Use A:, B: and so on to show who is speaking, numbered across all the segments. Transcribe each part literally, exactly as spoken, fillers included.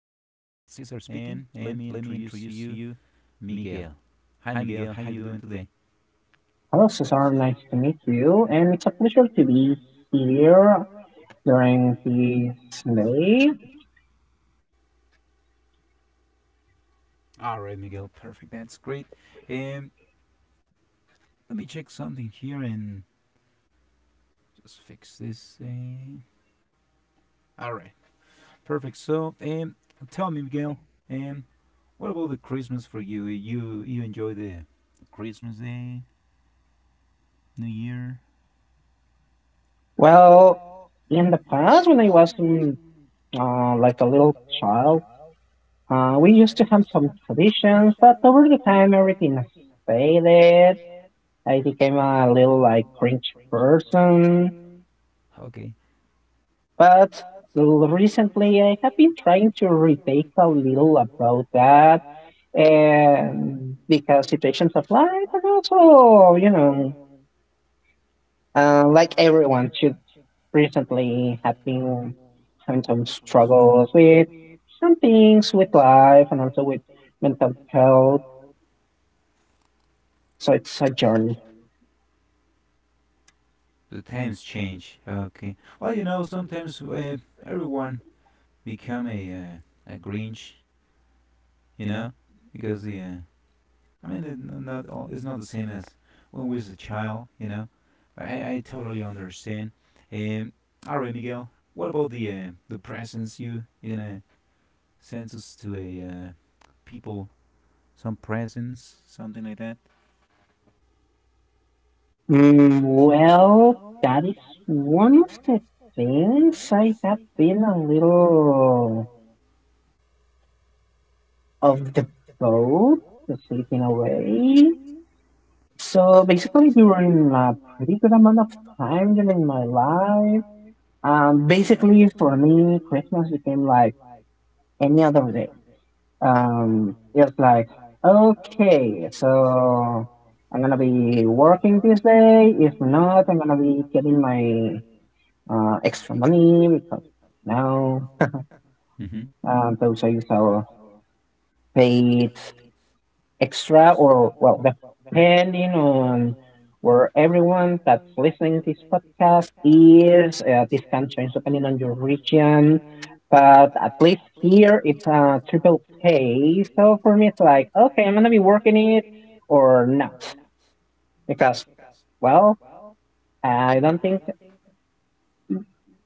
A: Cesar speaking, and let me introduce to you, Miguel. Hi, Miguel. How you doing today?
B: Hello, Cesar. Nice to meet you. And it's a pleasure to be here during this day.
A: All right, Miguel. Perfect. That's great. Um, Let me check something here and just fix this. Uh, all right. Perfect. So, um, tell me, Miguel. Um, what about the Christmas for you? You you enjoy the Christmas Day, New Year?
B: Well, in the past, when I was um, uh, like a little child, uh, we used to have some traditions, but over the time, everything has faded. I became a little like cringe person.
A: Okay.
B: But l- recently, I have been trying to retake a little about that and because situations of life and also you know uh, like everyone should recently have been having some struggles with some things with life and also with mental health, so it's a journey.
A: The times change. Okay. Well, you know, sometimes uh, everyone become a uh, a Grinch, you know, because the uh, I mean it not all, it's not the same as when we was a child, you know. I I totally understand. Um, all right, Miguel, what about the uh, the presents you you're gonna send us to a uh, people some presents something like that?
B: Mm, well, that is one of the things I have been a little of the boat to sleep in a way. So basically, during a pretty good amount of time during my life, um, basically for me, Christmas became like any other day. Um, it was like, okay, so I'm gonna be working this day. If not, I'm gonna be getting my uh, extra money because now
A: Mm-hmm.
B: um, those are our paid extra, or well, depending on where everyone that's listening this podcast is, uh, this can change depending on your region, but at least here it's a triple pay. So for me it's like, okay, I'm gonna be working it or not, because well, I don't think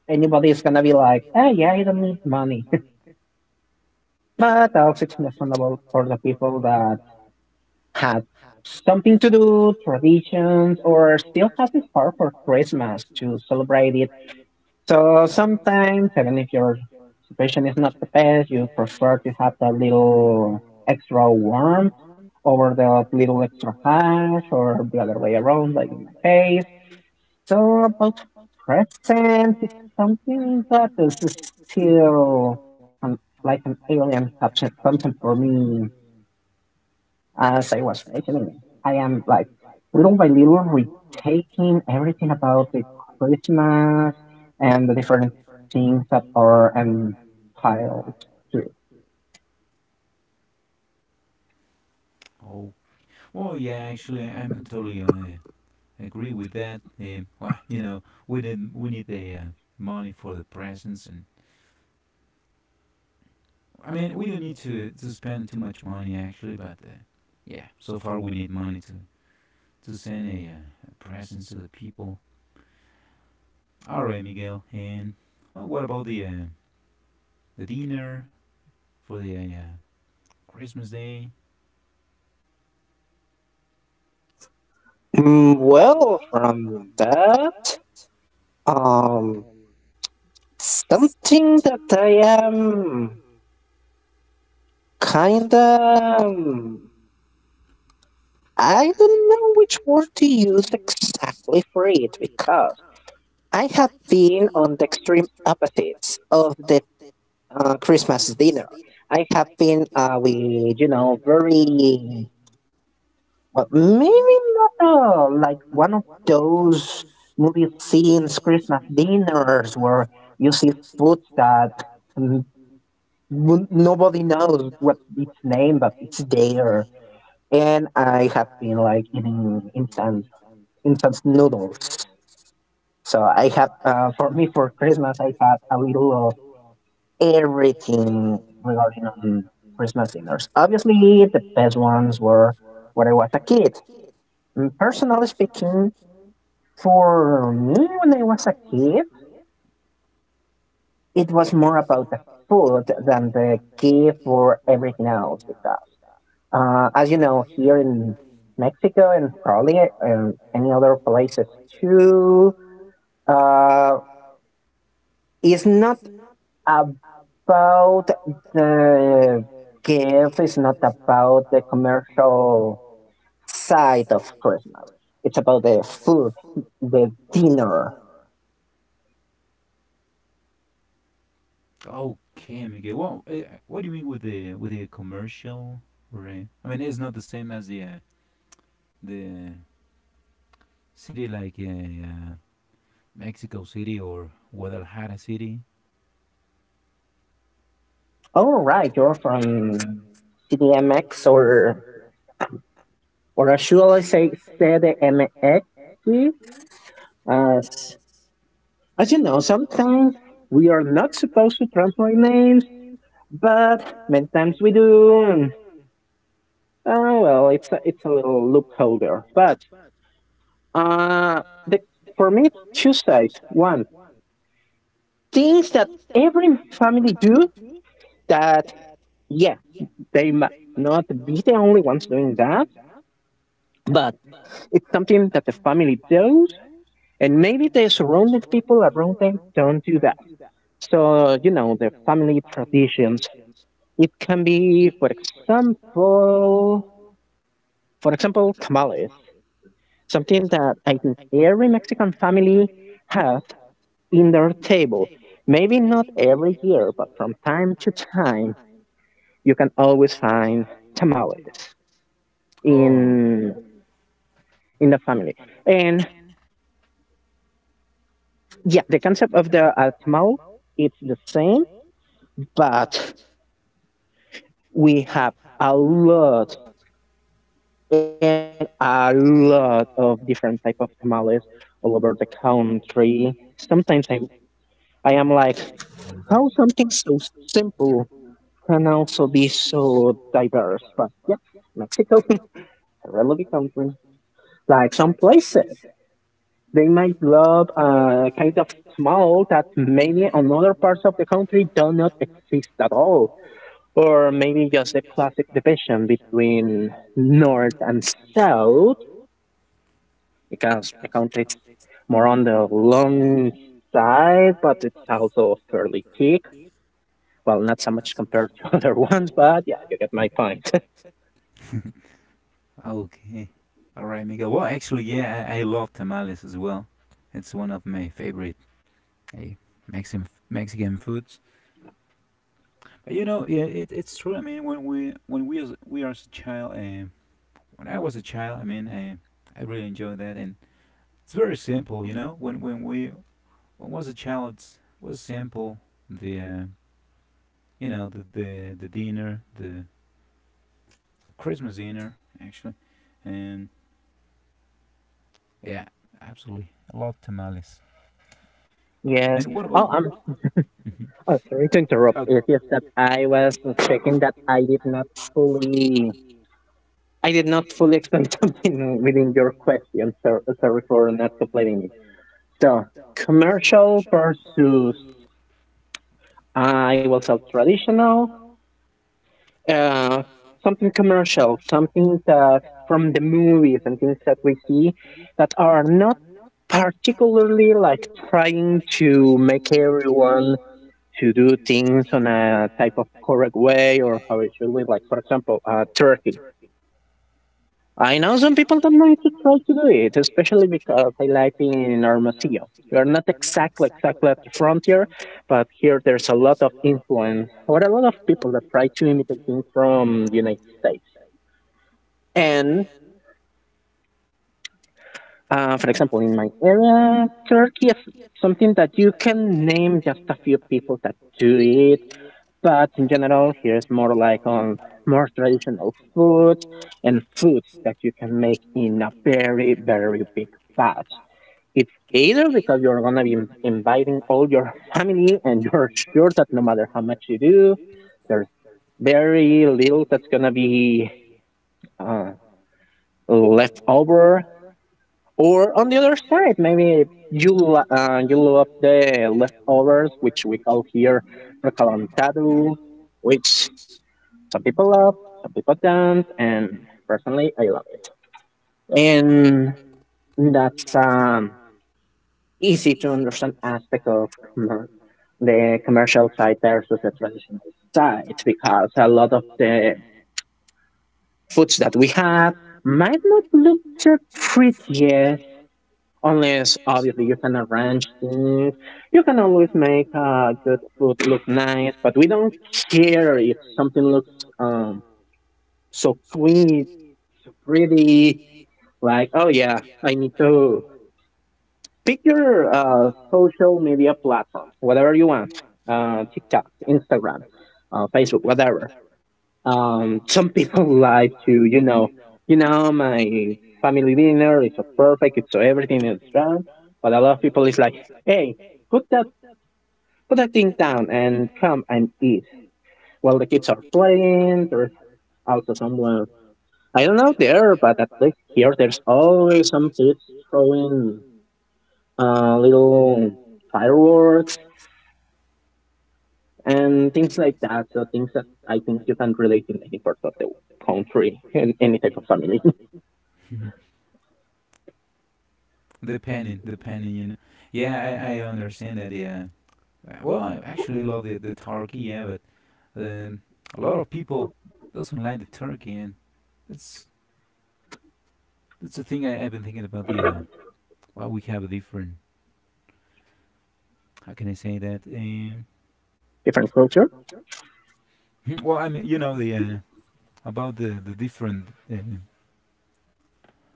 B: anybody is gonna be like, ah yeah, I don't need money. But also it's understandable for the people that have something to do, traditions, or still has a spark for Christmas to celebrate it. So sometimes, even if your situation is not the best, you prefer to have that little extra warmth over the little extra cash, or the other way around, like in my case. So about presents, it's something that is still, um, like an alien subject, something for me. As I was mentioning, I am like little by little retaking everything about the Christmas and the different things that are entitled to. It.
A: Oh, well, yeah, actually, I- I'm totally uh, agree with that. Um, well, you know, we need we need the uh, money for the presents and I mean, we don't need to, to spend too much money actually, but uh, yeah, so far we need money to, to send a, uh, a presents to the people. All right, Miguel. And well, what about the uh, the dinner for the uh, Christmas day?
B: Mm, Well, from that, um, something that I am kinda, um, I don't know which word to use exactly for it, because I have been on the extreme opposites of the uh, Christmas dinner. I have been uh, with, you know, very well, maybe not uh, like one of those movie scenes Christmas dinners where you see food that, mm, n- nobody knows what its name, but it's there. And I have been like eating instant instant noodles. So I have, uh, for me for Christmas I had a little everything regarding on Christmas dinners. Obviously, the best ones were when I was a kid. And personally speaking, for me, when I was a kid, it was more about the food than the gift or everything else. Because, uh, as you know, here in Mexico and probably um, any other places too, uh, it's not about the gift, is not about the commercial side of Christmas. It's about the food, the dinner.
A: Okay, Miguel. Well, uh, what do you mean with the with the commercial? Right. I mean, it's not the same as the uh, the uh, city like uh, uh, Mexico City or Guadalajara City.
B: Oh right, you're from C D M X or or should I say Z M X, as, as you know, sometimes we are not supposed to translate names, but many times we do. And, uh, well, it's a, it's a little loophole there. But uh, the, for me, it's two sides. One, things that every family do that, yeah, they might not be the only ones doing that, but it's something that the family does, and maybe the surrounding people around them don't do that. So, you know, the family traditions. It can be, for example, for example, tamales, something that I think every Mexican family has in their table. Maybe not every year, but from time to time, you can always find tamales
A: Oh, right.
B: in in the family. And yeah, the concept of the uh, tamal, it's the same, but we have a lot and a lot of different type of tamales all over the country. Sometimes I like, how something so simple can also be so diverse. But yeah, Mexico is a really big country. Like some places, they might love a kind of tamal that maybe on other parts of the country do not exist at all. Or maybe just the classic division between north and south, because account it's more on the long side, but it's also fairly thick. Well, not so much compared to other ones, but yeah, you get my point.
A: Okay. All right, Miguel. Well, actually, yeah, I, I love tamales as well. It's one of my favorite eh, Mexican Mexican foods. But you know, yeah, it, it's true. I mean, when we when we as we are as a child, uh, when I was a child, I mean, I I really enjoy that, and it's very simple. You know, when when we when was a child, it's, was simple. The uh, You know the, the the dinner, the the Christmas dinner actually, and yeah, absolutely, I love tamales.
B: Yes.
A: And what
B: Oh,
A: about
B: I'm oh, sorry to interrupt.
A: Oh.
B: It's just that I was checking that I did not fully, I did not fully explain something within your question. So sorry for not completing it. So commercial versus, I will say, traditional. uh, Something commercial, something that from the movies and things that we see that are not particularly like trying to make everyone to do things on a type of correct way or how it should be. Like for example, uh, Turkey. I know some people don't know to try to do it, especially because I like being in Armacio. We are not exactly exactly at the frontier, but here there's a lot of influence or a lot of people that try to imitate things from the United States. And uh, for example, in my area, Turkey is something that you can name just a few people that do it. But in general, here's more like on more traditional food and foods that you can make in a very, very big batch. It's either because you're gonna be inviting all your family and you're sure that no matter how much you do, there's very little that's gonna be uh, left over. Or on the other side, maybe you lo- uh, you love the leftovers, which we call here recalentado, which some people love, some people don't, and personally, I love it. And that's um easy to understand aspect of commer- the commercial side versus the traditional side, because a lot of the foods that we have might not look too pretty. Unless obviously you can arrange things, you can always make uh, good food look nice. But we don't care if something looks um so sweet, pretty. Like oh yeah, I need to pick your uh, social media platform, whatever you want, uh, TikTok, Instagram, uh, Facebook, whatever. Um, some people like to, you know, you know, my family dinner is so perfect, it's so everything is wrong. But a lot of people is like, hey, put that put that thing down and come and eat. While the kids are playing, there's also someone, I don't know there, but at least here there's always some kids throwing uh, little fireworks and things like that. So things that I think you can relate in any part of the country and any type of family,
A: Mhm. the panning, the panning, you know. Yeah, I, I understand that. Yeah. Uh, Well, I actually I love the the turkey. Yeah, but um, a lot of people doesn't like the turkey, and that's that's the thing I, I've been thinking about. The uh, Well, we have a different. How can I say that? Um,
B: different culture.
A: well, I mean, you know, the uh, about the the different uh,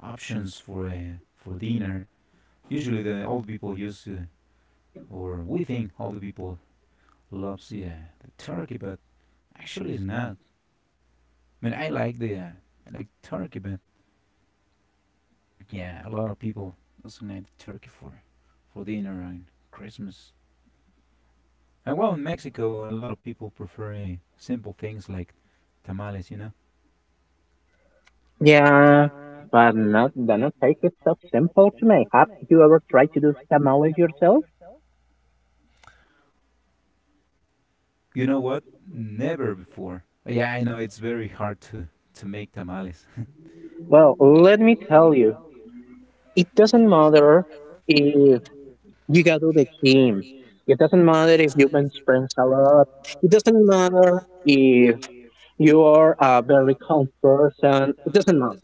A: options for uh, for dinner. Usually, the old people use, uh, or we think all the people loves the, uh, the turkey, but actually it's not. I mean, I like the uh, I like turkey, but yeah, a lot of people doesn't like turkey for for dinner and Christmas. And well, in Mexico, a lot of people prefer uh, simple things like tamales. You know,
B: Yeah, but not the not take is so simple to make. Have you ever tried to do tamales yourself?
A: you know what? Never before. Yeah, I know it's very hard to to make tamales.
B: Well, let me tell you, it doesn't matter if you go to the gym. It doesn't matter if you've been sprints a lot. It doesn't matter if you are a very calm person. It doesn't matter.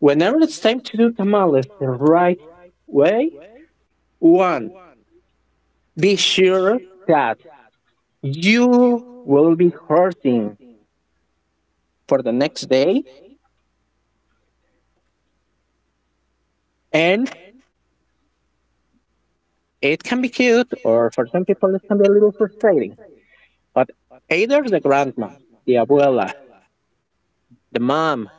B: Whenever it's time to do tamales the right way, one, be sure that you will be hurting for the next day. And it can be cute, or for some people, it can be a little frustrating. But either the grandma, the abuela, the mom,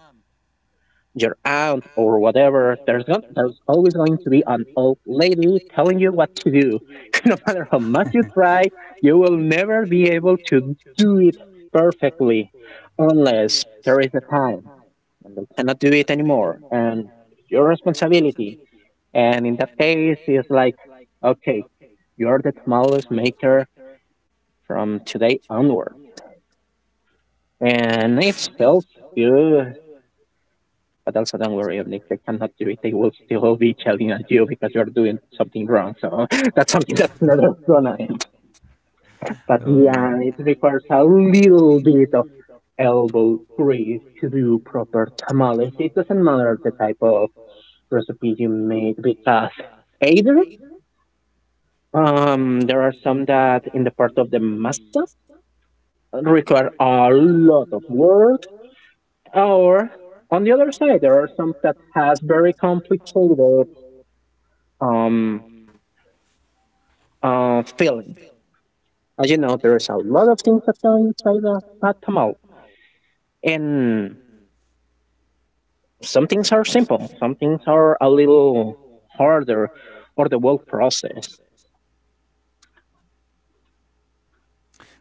B: your aunt, or whatever, there's, gon- there's always going to be an old lady telling you what to do. No matter how much you try, you will never be able to do it perfectly, unless there is a time and they cannot do it anymore. And your responsibility. And in that case, it's like, okay, you're the tamales maker from today onward. And it felt good, but also don't worry, even if they cannot do it, they will still be challenging at you because you're doing something wrong. So that's something that's never gonna end. But
A: oh yeah.
B: yeah, it requires a little bit of elbow grease to do proper tamales. It doesn't matter the type of recipe you make because either, Um, there are some that in the part of the master require a lot of work, or on the other side, there are some that has very complicated um uh feeling. As you know, there is a lot of things that go inside a, a tamal, and some things are simple, some things are a little harder, or the whole process.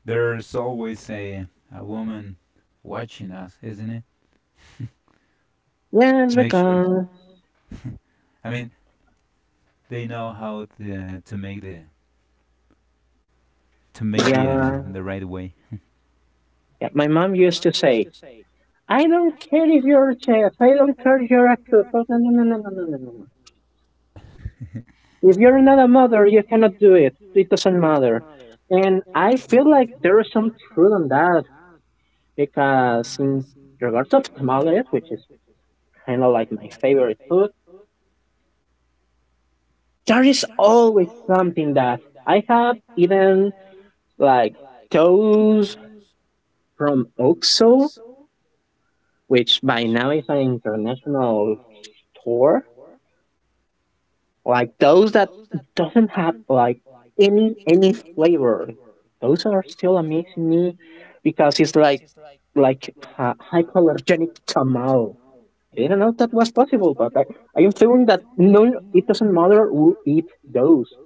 A: there's always a, a woman watching us, isn't it?
B: Yes,
A: To make sure.
B: because
A: I mean, they know how to, uh, to make the to make the uh,
B: yeah,
A: the right way.
B: yeah. My mom used to say, I don't care if you're a chef. I don't care if you're a cook. Oh, no, no, no, no, no, no, no, no, no. If you're not a mother, you cannot do it. It doesn't matter. And I feel like there is some truth on that, because in regards of tamales, which is kind of like my favorite food, there is always something that I have eaten like toast from O X O, which by now is an international store. Like those that doesn't have like any any flavor. Those are still amazing me because it's like like hy- hypoallergenic tamal. I didn't know that was possible, but I, I am feeling that no, it doesn't matter who eat those.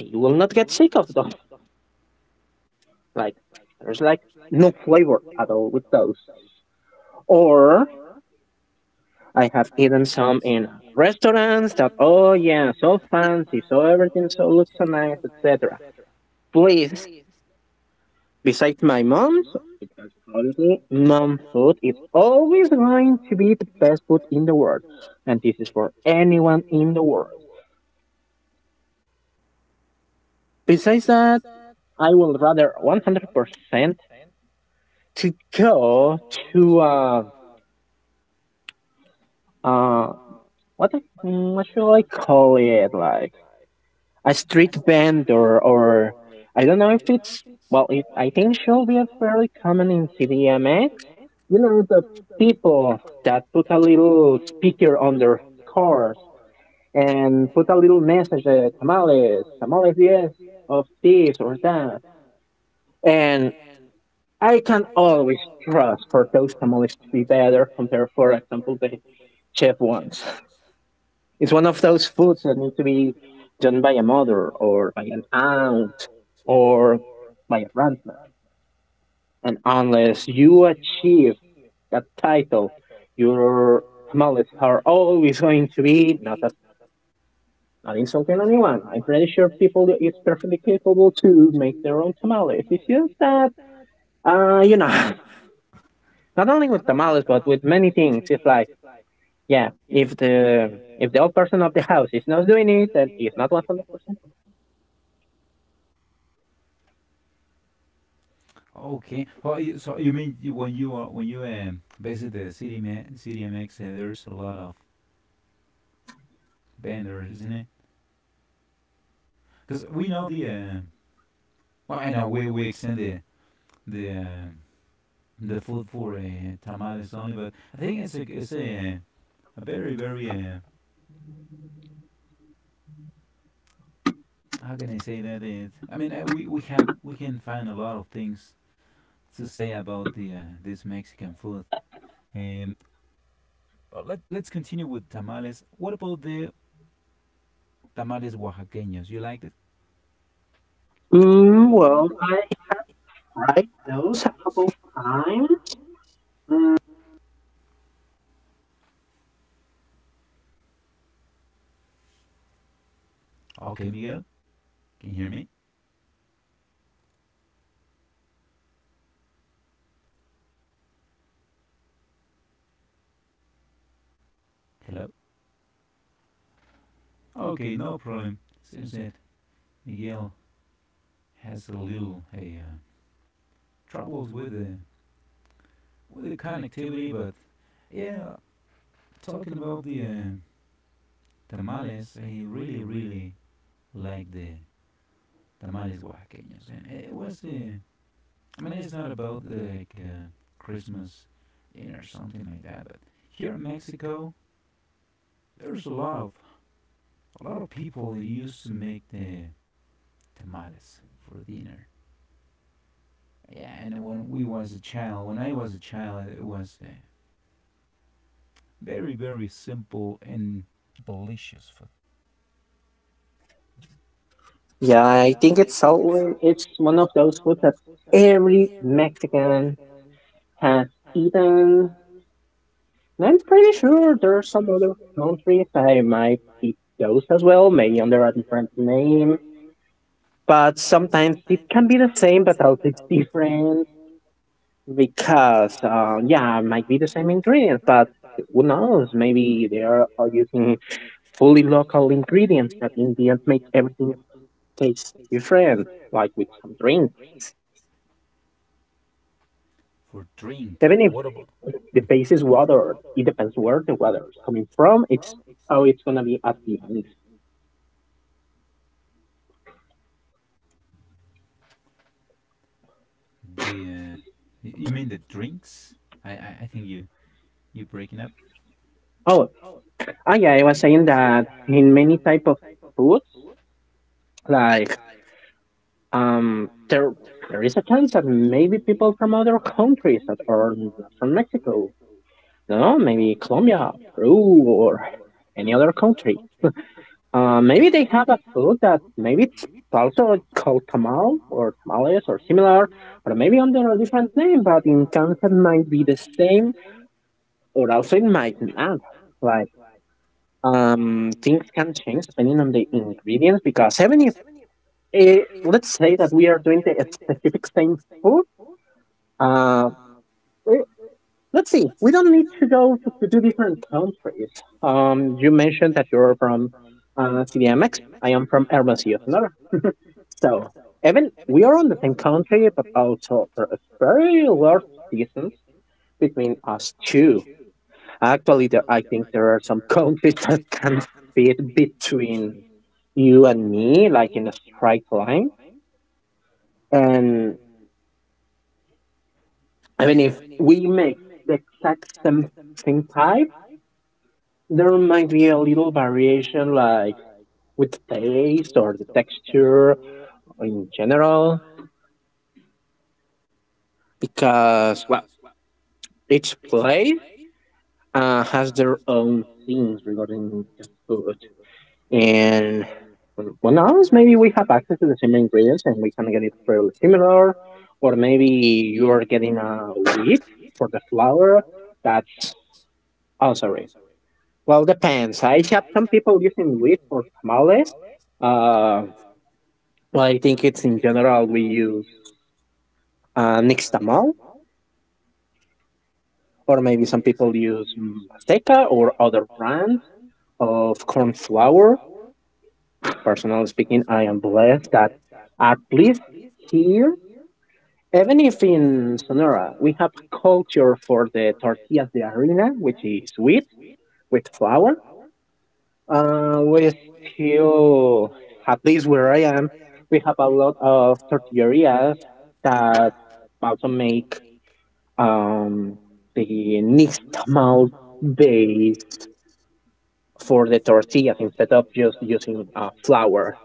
B: You will not get sick of them. Like there's like no flavor at all with those. Or I have eaten some in restaurants that, oh yeah, so fancy, so everything so looks so nice, et cetera. Please. Besides my mom's, because currently mom food is always going to be the best food in the world, and this is for anyone in the world. Besides that, I would rather one hundred percent to go to uh uh what the- mm, what should I call it, like a street band, or or I don't know if it's, well it, I think it should be a fairly common in C D M X. You know, the people that put a little speaker on their cars and put a little message, uh, tamales, tamales, yes, of this or that. And I can always trust for those tamales to be better compared for example the chef ones. It's one of those foods that needs to be done by a mother or by an aunt or by a grandmother. And unless you achieve that title, your tamales are always going to be not as, not insulting anyone. I'm pretty sure people is perfectly capable to make their own tamales. It's just that uh, you know, not only with tamales but with many things. It's like, yeah, if the if the old person of the house is not doing it, then it's not one hundred percent.
A: Okay. Well, you- so you mean you- when you are when you um, visit the C D M A, C D M X, uh, there's a lot of vendors, isn't it? Because we know the uh, well, I know we we extend the the uh, the food for uh, tamales only, but I think it's a it's a uh, a very very uh, how can I say that it? I mean uh, we we have we can find a lot of things to say about the uh, this Mexican food. Um, But let, let's continue with tamales. What about the tamales oaxaqueños? You liked it?
B: Mm, well, alright, those a couple times. Mm.
A: Okay, Miguel, can you hear me? Hello? Okay, no problem. Seems that Miguel has a little hey, uh, troubles with the with the connectivity, but yeah, talking about the uh, tamales, I really really like the tamales oaxaqueños, and it was uh, I mean it's not about the, like uh, Christmas dinner or something like that, but here in Mexico there's a lot of a lot of people used to make the tamales for dinner. Yeah, and when we was a child, when I was a child, it was uh, very very simple and delicious for
B: Yeah, I think it's so. It's one of those foods that every Mexican has eaten. And I'm pretty sure there are some other countries that might eat those as under a different name. But sometimes it can be the same, but also it's different because, uh, yeah, it might be the same ingredients, but who knows? Maybe they are all using fully local ingredients that in the end make everything taste different, like with some drink.
A: for drink.
B: Even if
A: What about
B: the base is water, it depends where the water is coming from. It's how it's gonna be at the end.
A: the? Uh, you mean the drinks? I I, I think you you breaking up.
B: Oh, ah, yeah, I was saying that in many type of foods, like, um, there there is a chance that maybe people from other countries that are not from Mexico, no, maybe Colombia, Peru, or any other country. Uh, maybe they have a food that maybe it's also called tamal or tamales or similar, or maybe under a different name, but in concept might be the same, or also it might not. Like, um, things can change depending on the ingredients because even if, eh, let's say that we are doing the specific same food, uh, eh, let's see, we don't need to go to, to two different countries. Um, you mentioned that you're from uh, C D M X. I am from Hermosillo. So, even we are on the same country, but also there is very large distance between us two. Actually, there, I think there are some countries that can fit between you and me, like in a straight line. And even if we make the exact same thing type, there might be a little variation, like with the taste or the texture in general, because, well, each place uh, has their own things regarding the food. And well, else maybe we have access to the same ingredients and we can get it fairly similar. Or maybe you are getting a wheat for the flour. That's, oh sorry. Well, depends. I have some people using wheat for tamales. Uh, well, I think it's in general we use uh, Nix tamal, or maybe some people use Masteca or other brands of corn flour. Personally speaking, I am blessed that at least here, even if in Sonora, we have culture for the tortillas de harina, which is wheat with flour. Uh, we still, at least where I am, we have a lot of tortillerias that also make um, the nixtamal base for the tortillas instead of just using uh, flour.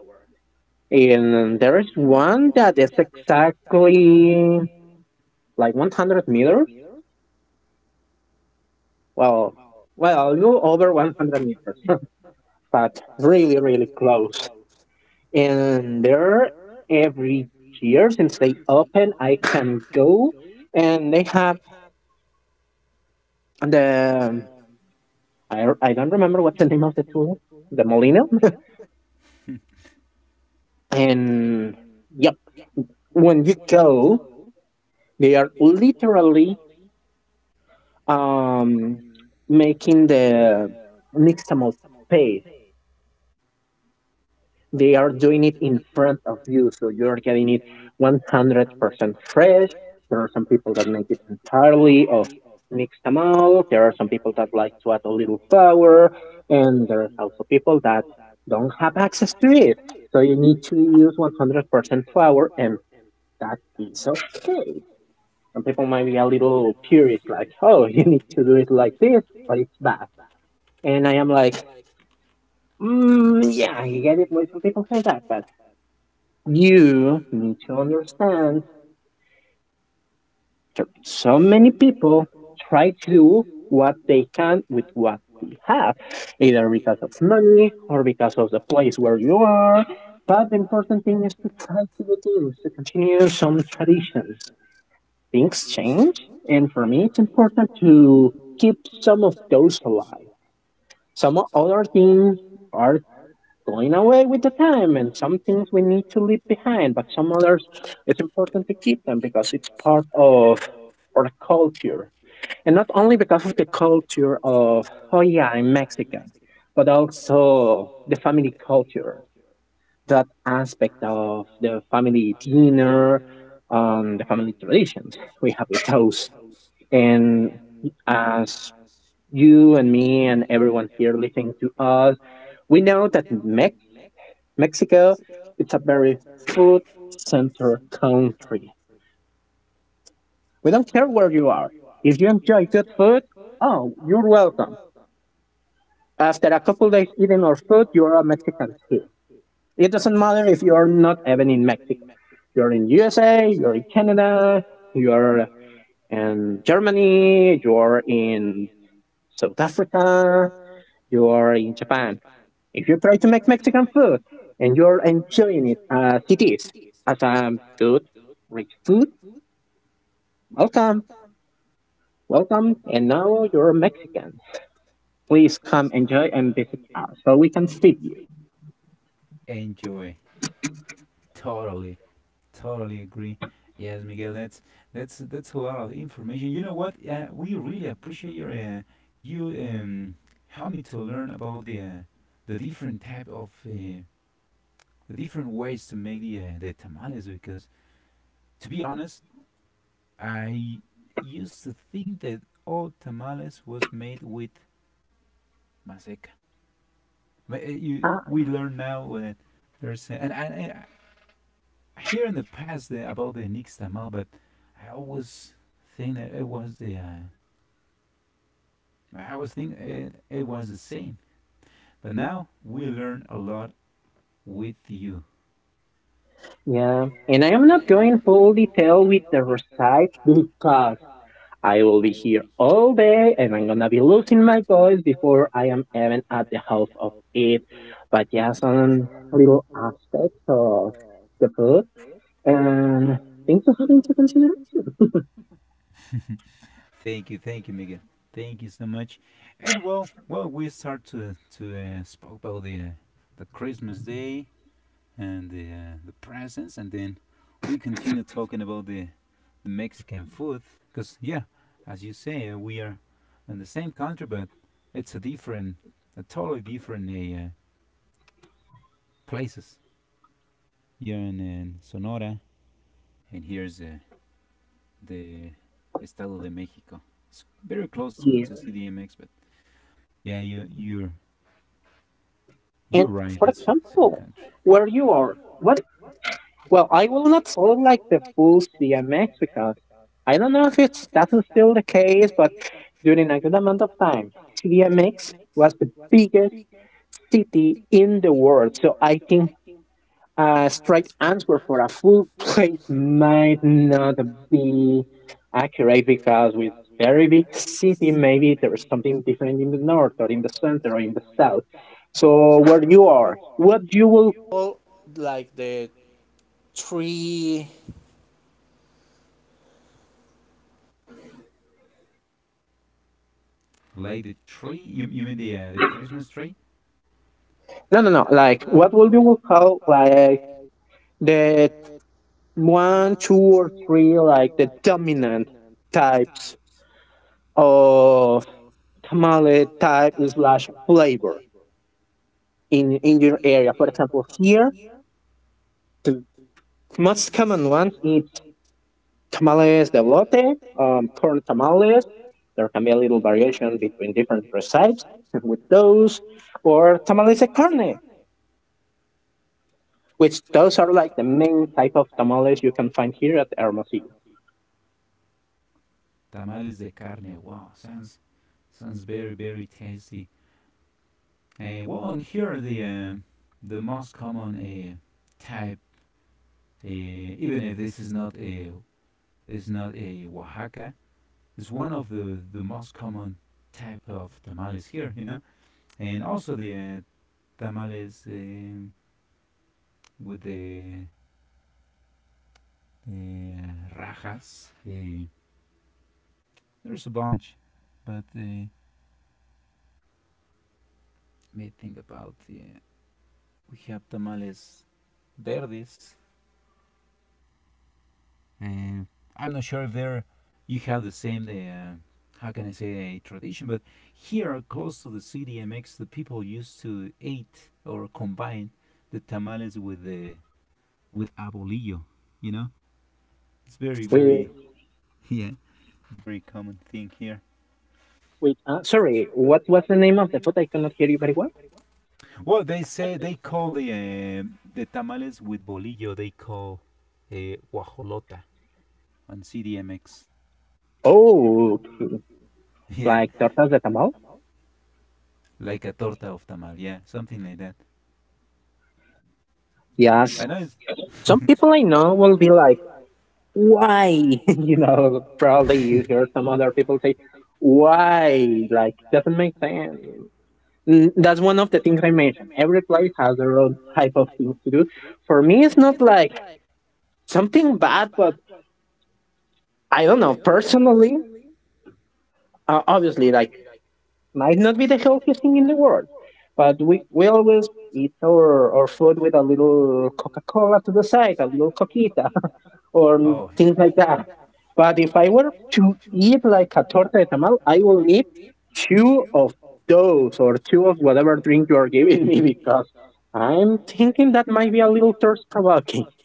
B: And there is one that is exactly like one hundred meters. Well, well, a little over one hundred meters, but really, really close. And there, every year since they open, I can go, and they have the, I, I don't remember what's the name of the tour, the Molino. And yep, when you go, they are literally um, making the mixed amount pay. They are doing it in front of you, so you're getting it one hundred percent fresh. There are some people that make it entirely of mixed. There are some people that like to add a little flour, and there are also people that don't have access to it. So you need to use one hundred percent flour, and that is okay. Some people might be a little purist, like, oh, you need to do it like this, but it's bad. And I am like, mm, yeah, I get it why some people say that, but you need to understand that so many people try to do what they can with what they have, either because of money or because of the place where you are. But the important thing is to try to do things, to continue some traditions. Things change, and for me, it's important to keep some of those alive. Some other things are going away with the time, and some things we need to leave behind, but some others, it's important to keep them because it's part of our culture, and not only because of the culture of, oh yeah, I'm Mexican, but also the family culture, that aspect of the family dinner, um, the family traditions we have with those. And as you and me and everyone here listening to us, we know that Mexico, it's a very food center country. We don't care where you are. If you enjoy good food, oh, you're welcome. After a couple days eating our food, you are a Mexican too. It doesn't matter if you're not even in Mexico. You're in U S A, you're in Canada, you're in Germany, you're in South Africa, you're in Japan. If you try to make Mexican food and you're enjoying it as it is, as a good, rich food, welcome, welcome, and now you're Mexican. Please come enjoy and visit us so we can feed you.
A: Enjoy totally. Totally agree. Yes, Miguel, that's that's that's a lot of information. You know what? Uh, we really appreciate your uh, you um, help me to learn about the uh, the different type of uh, the different ways to make the uh, the tamales because to be honest, I used to think that all tamales was made with maseca. But uh, you
B: Ah.
A: we learn now that there's uh, and, and I hear in the past the, about the Nix tamal, but I always think that it was the uh, I always think it, it was the same. But now we learn a lot with you.
B: Yeah, and I am not going full detail with the recipe because I will be here all day and I'm gonna be losing my voice before I am even at the half of it. But yeah, some little aspects of the food and things are having to consider
A: thank you, thank you, Miguel. Thank you so much. And well, well, we start to to uh, spoke about the uh, the Christmas day and the uh, the presents, and then we continue talking about the, the Mexican food because yeah, as you say, uh, we are in the same country, but it's a different, a totally different uh, uh, places. Here in, in Sonora, and here's uh, the Estado de Mexico. It's very close to, to
B: here.
A: C D M X, but yeah, you you're you're
B: And
A: right.
B: for
A: It's the same
B: example,
A: country.
B: where you are, what? Well, I will not sound like the full C M X because I don't know if it's that's still the case, but during a good amount of time, C D M X was the biggest city in the world. So I think a straight answer for a full plate might not be accurate because with very big city, maybe there is something different in the north or in the center or in the south. So where you are, what?
A: Like the tree, you, you mean the uh, the Christmas tree?
B: What would you call like the one, two, or three like the dominant types of tamale type slash flavor in in your area? For example, here the most common ones is tamales de lote, um, corn tamales. There can be a little variation between different recipes with those, or tamales de carne, which those are like the main type of tamales you can find here at Hermosillo.
A: Tamales de carne. Wow, sounds sounds very very tasty. Uh, well, and here the uh, the most common uh, type, uh, even if this is not a is not a Oaxaca, it's one of the the most common type of tamales here, you know, and also the uh, tamales um with the the rajas. Uh, there's a bunch, but uh, let me think about. Uh, we have tamales verdes. Uh, I'm not sure if there you have the same, uh, how can I say, uh, tradition, but here close to the C D M X, the people used to eat or combine the tamales with the with abolillo. You know, it's very very,
B: We.
A: yeah, it's very common thing here.
B: Wait, uh, sorry, what was the name of the food? I cannot hear you very well.
A: Well, they say they call the uh, the tamales with bolillo. They call a uh, guajolota on C D M X.
B: Oh, okay.
A: Yeah,
B: Like tortas de tamal?
A: like a torta of tamal. Yeah, something like that. I know.
B: Yes.
A: It's,
B: Some people I know will be like, why? you know, probably you hear some other people say, why? Like, doesn't make sense. Mm. That's one of the things I mentioned. Every place has their own type of things to do. For me, it's not like something bad, but I don't know. Personally, uh, obviously, like, might not be the healthiest thing in the world, but we, we always eat our, our food with a little Coca Cola to the side, a little coquita, or
A: oh, yeah.
B: things like that. But if I were to eat like a torta de tamal, I will eat two of those or two of whatever drink you are giving me because I'm thinking that might be a little thirst provoking.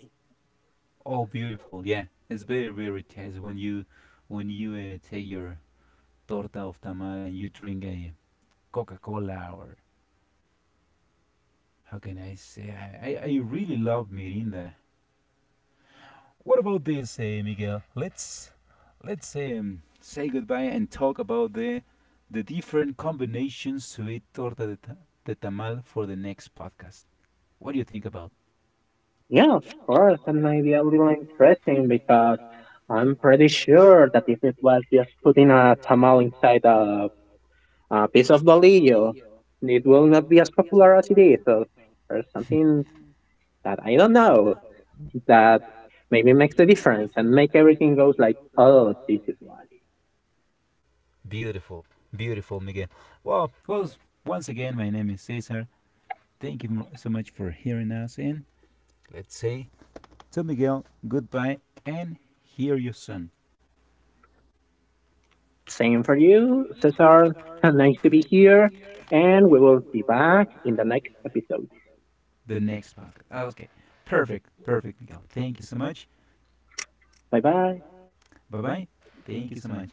A: Oh, beautiful. Yeah, it's very, very tasty when you when you uh, take your torta of tamal and you drink a Coca-Cola or how can I say? I, I, I really love Mirinda. What about this, uh, Miguel? Let's let's um, say goodbye and talk about the the different combinations to eat torta de, ta- de tamal for the next podcast. What do you think about?
B: Yeah, of course, that might be a little interesting because I'm pretty sure that if it was just putting a tamal inside a a piece of bolillo. It will not be as popular as it is, or, or something that I don't know that maybe makes a difference and make everything goes like, oh, this is why.
A: Beautiful, beautiful, Miguel. Well, well once again, my name is Cesar. Thank you so much for hearing us, and let's say to Miguel, goodbye, and hear you soon.
B: Same for you, Cesar. Nice to be here, and we will be back in the next episode.
A: The next podcast. Okay, perfect, perfect, Miguel. Thank you so much.
B: Bye bye.
A: Bye bye. Thank you so much.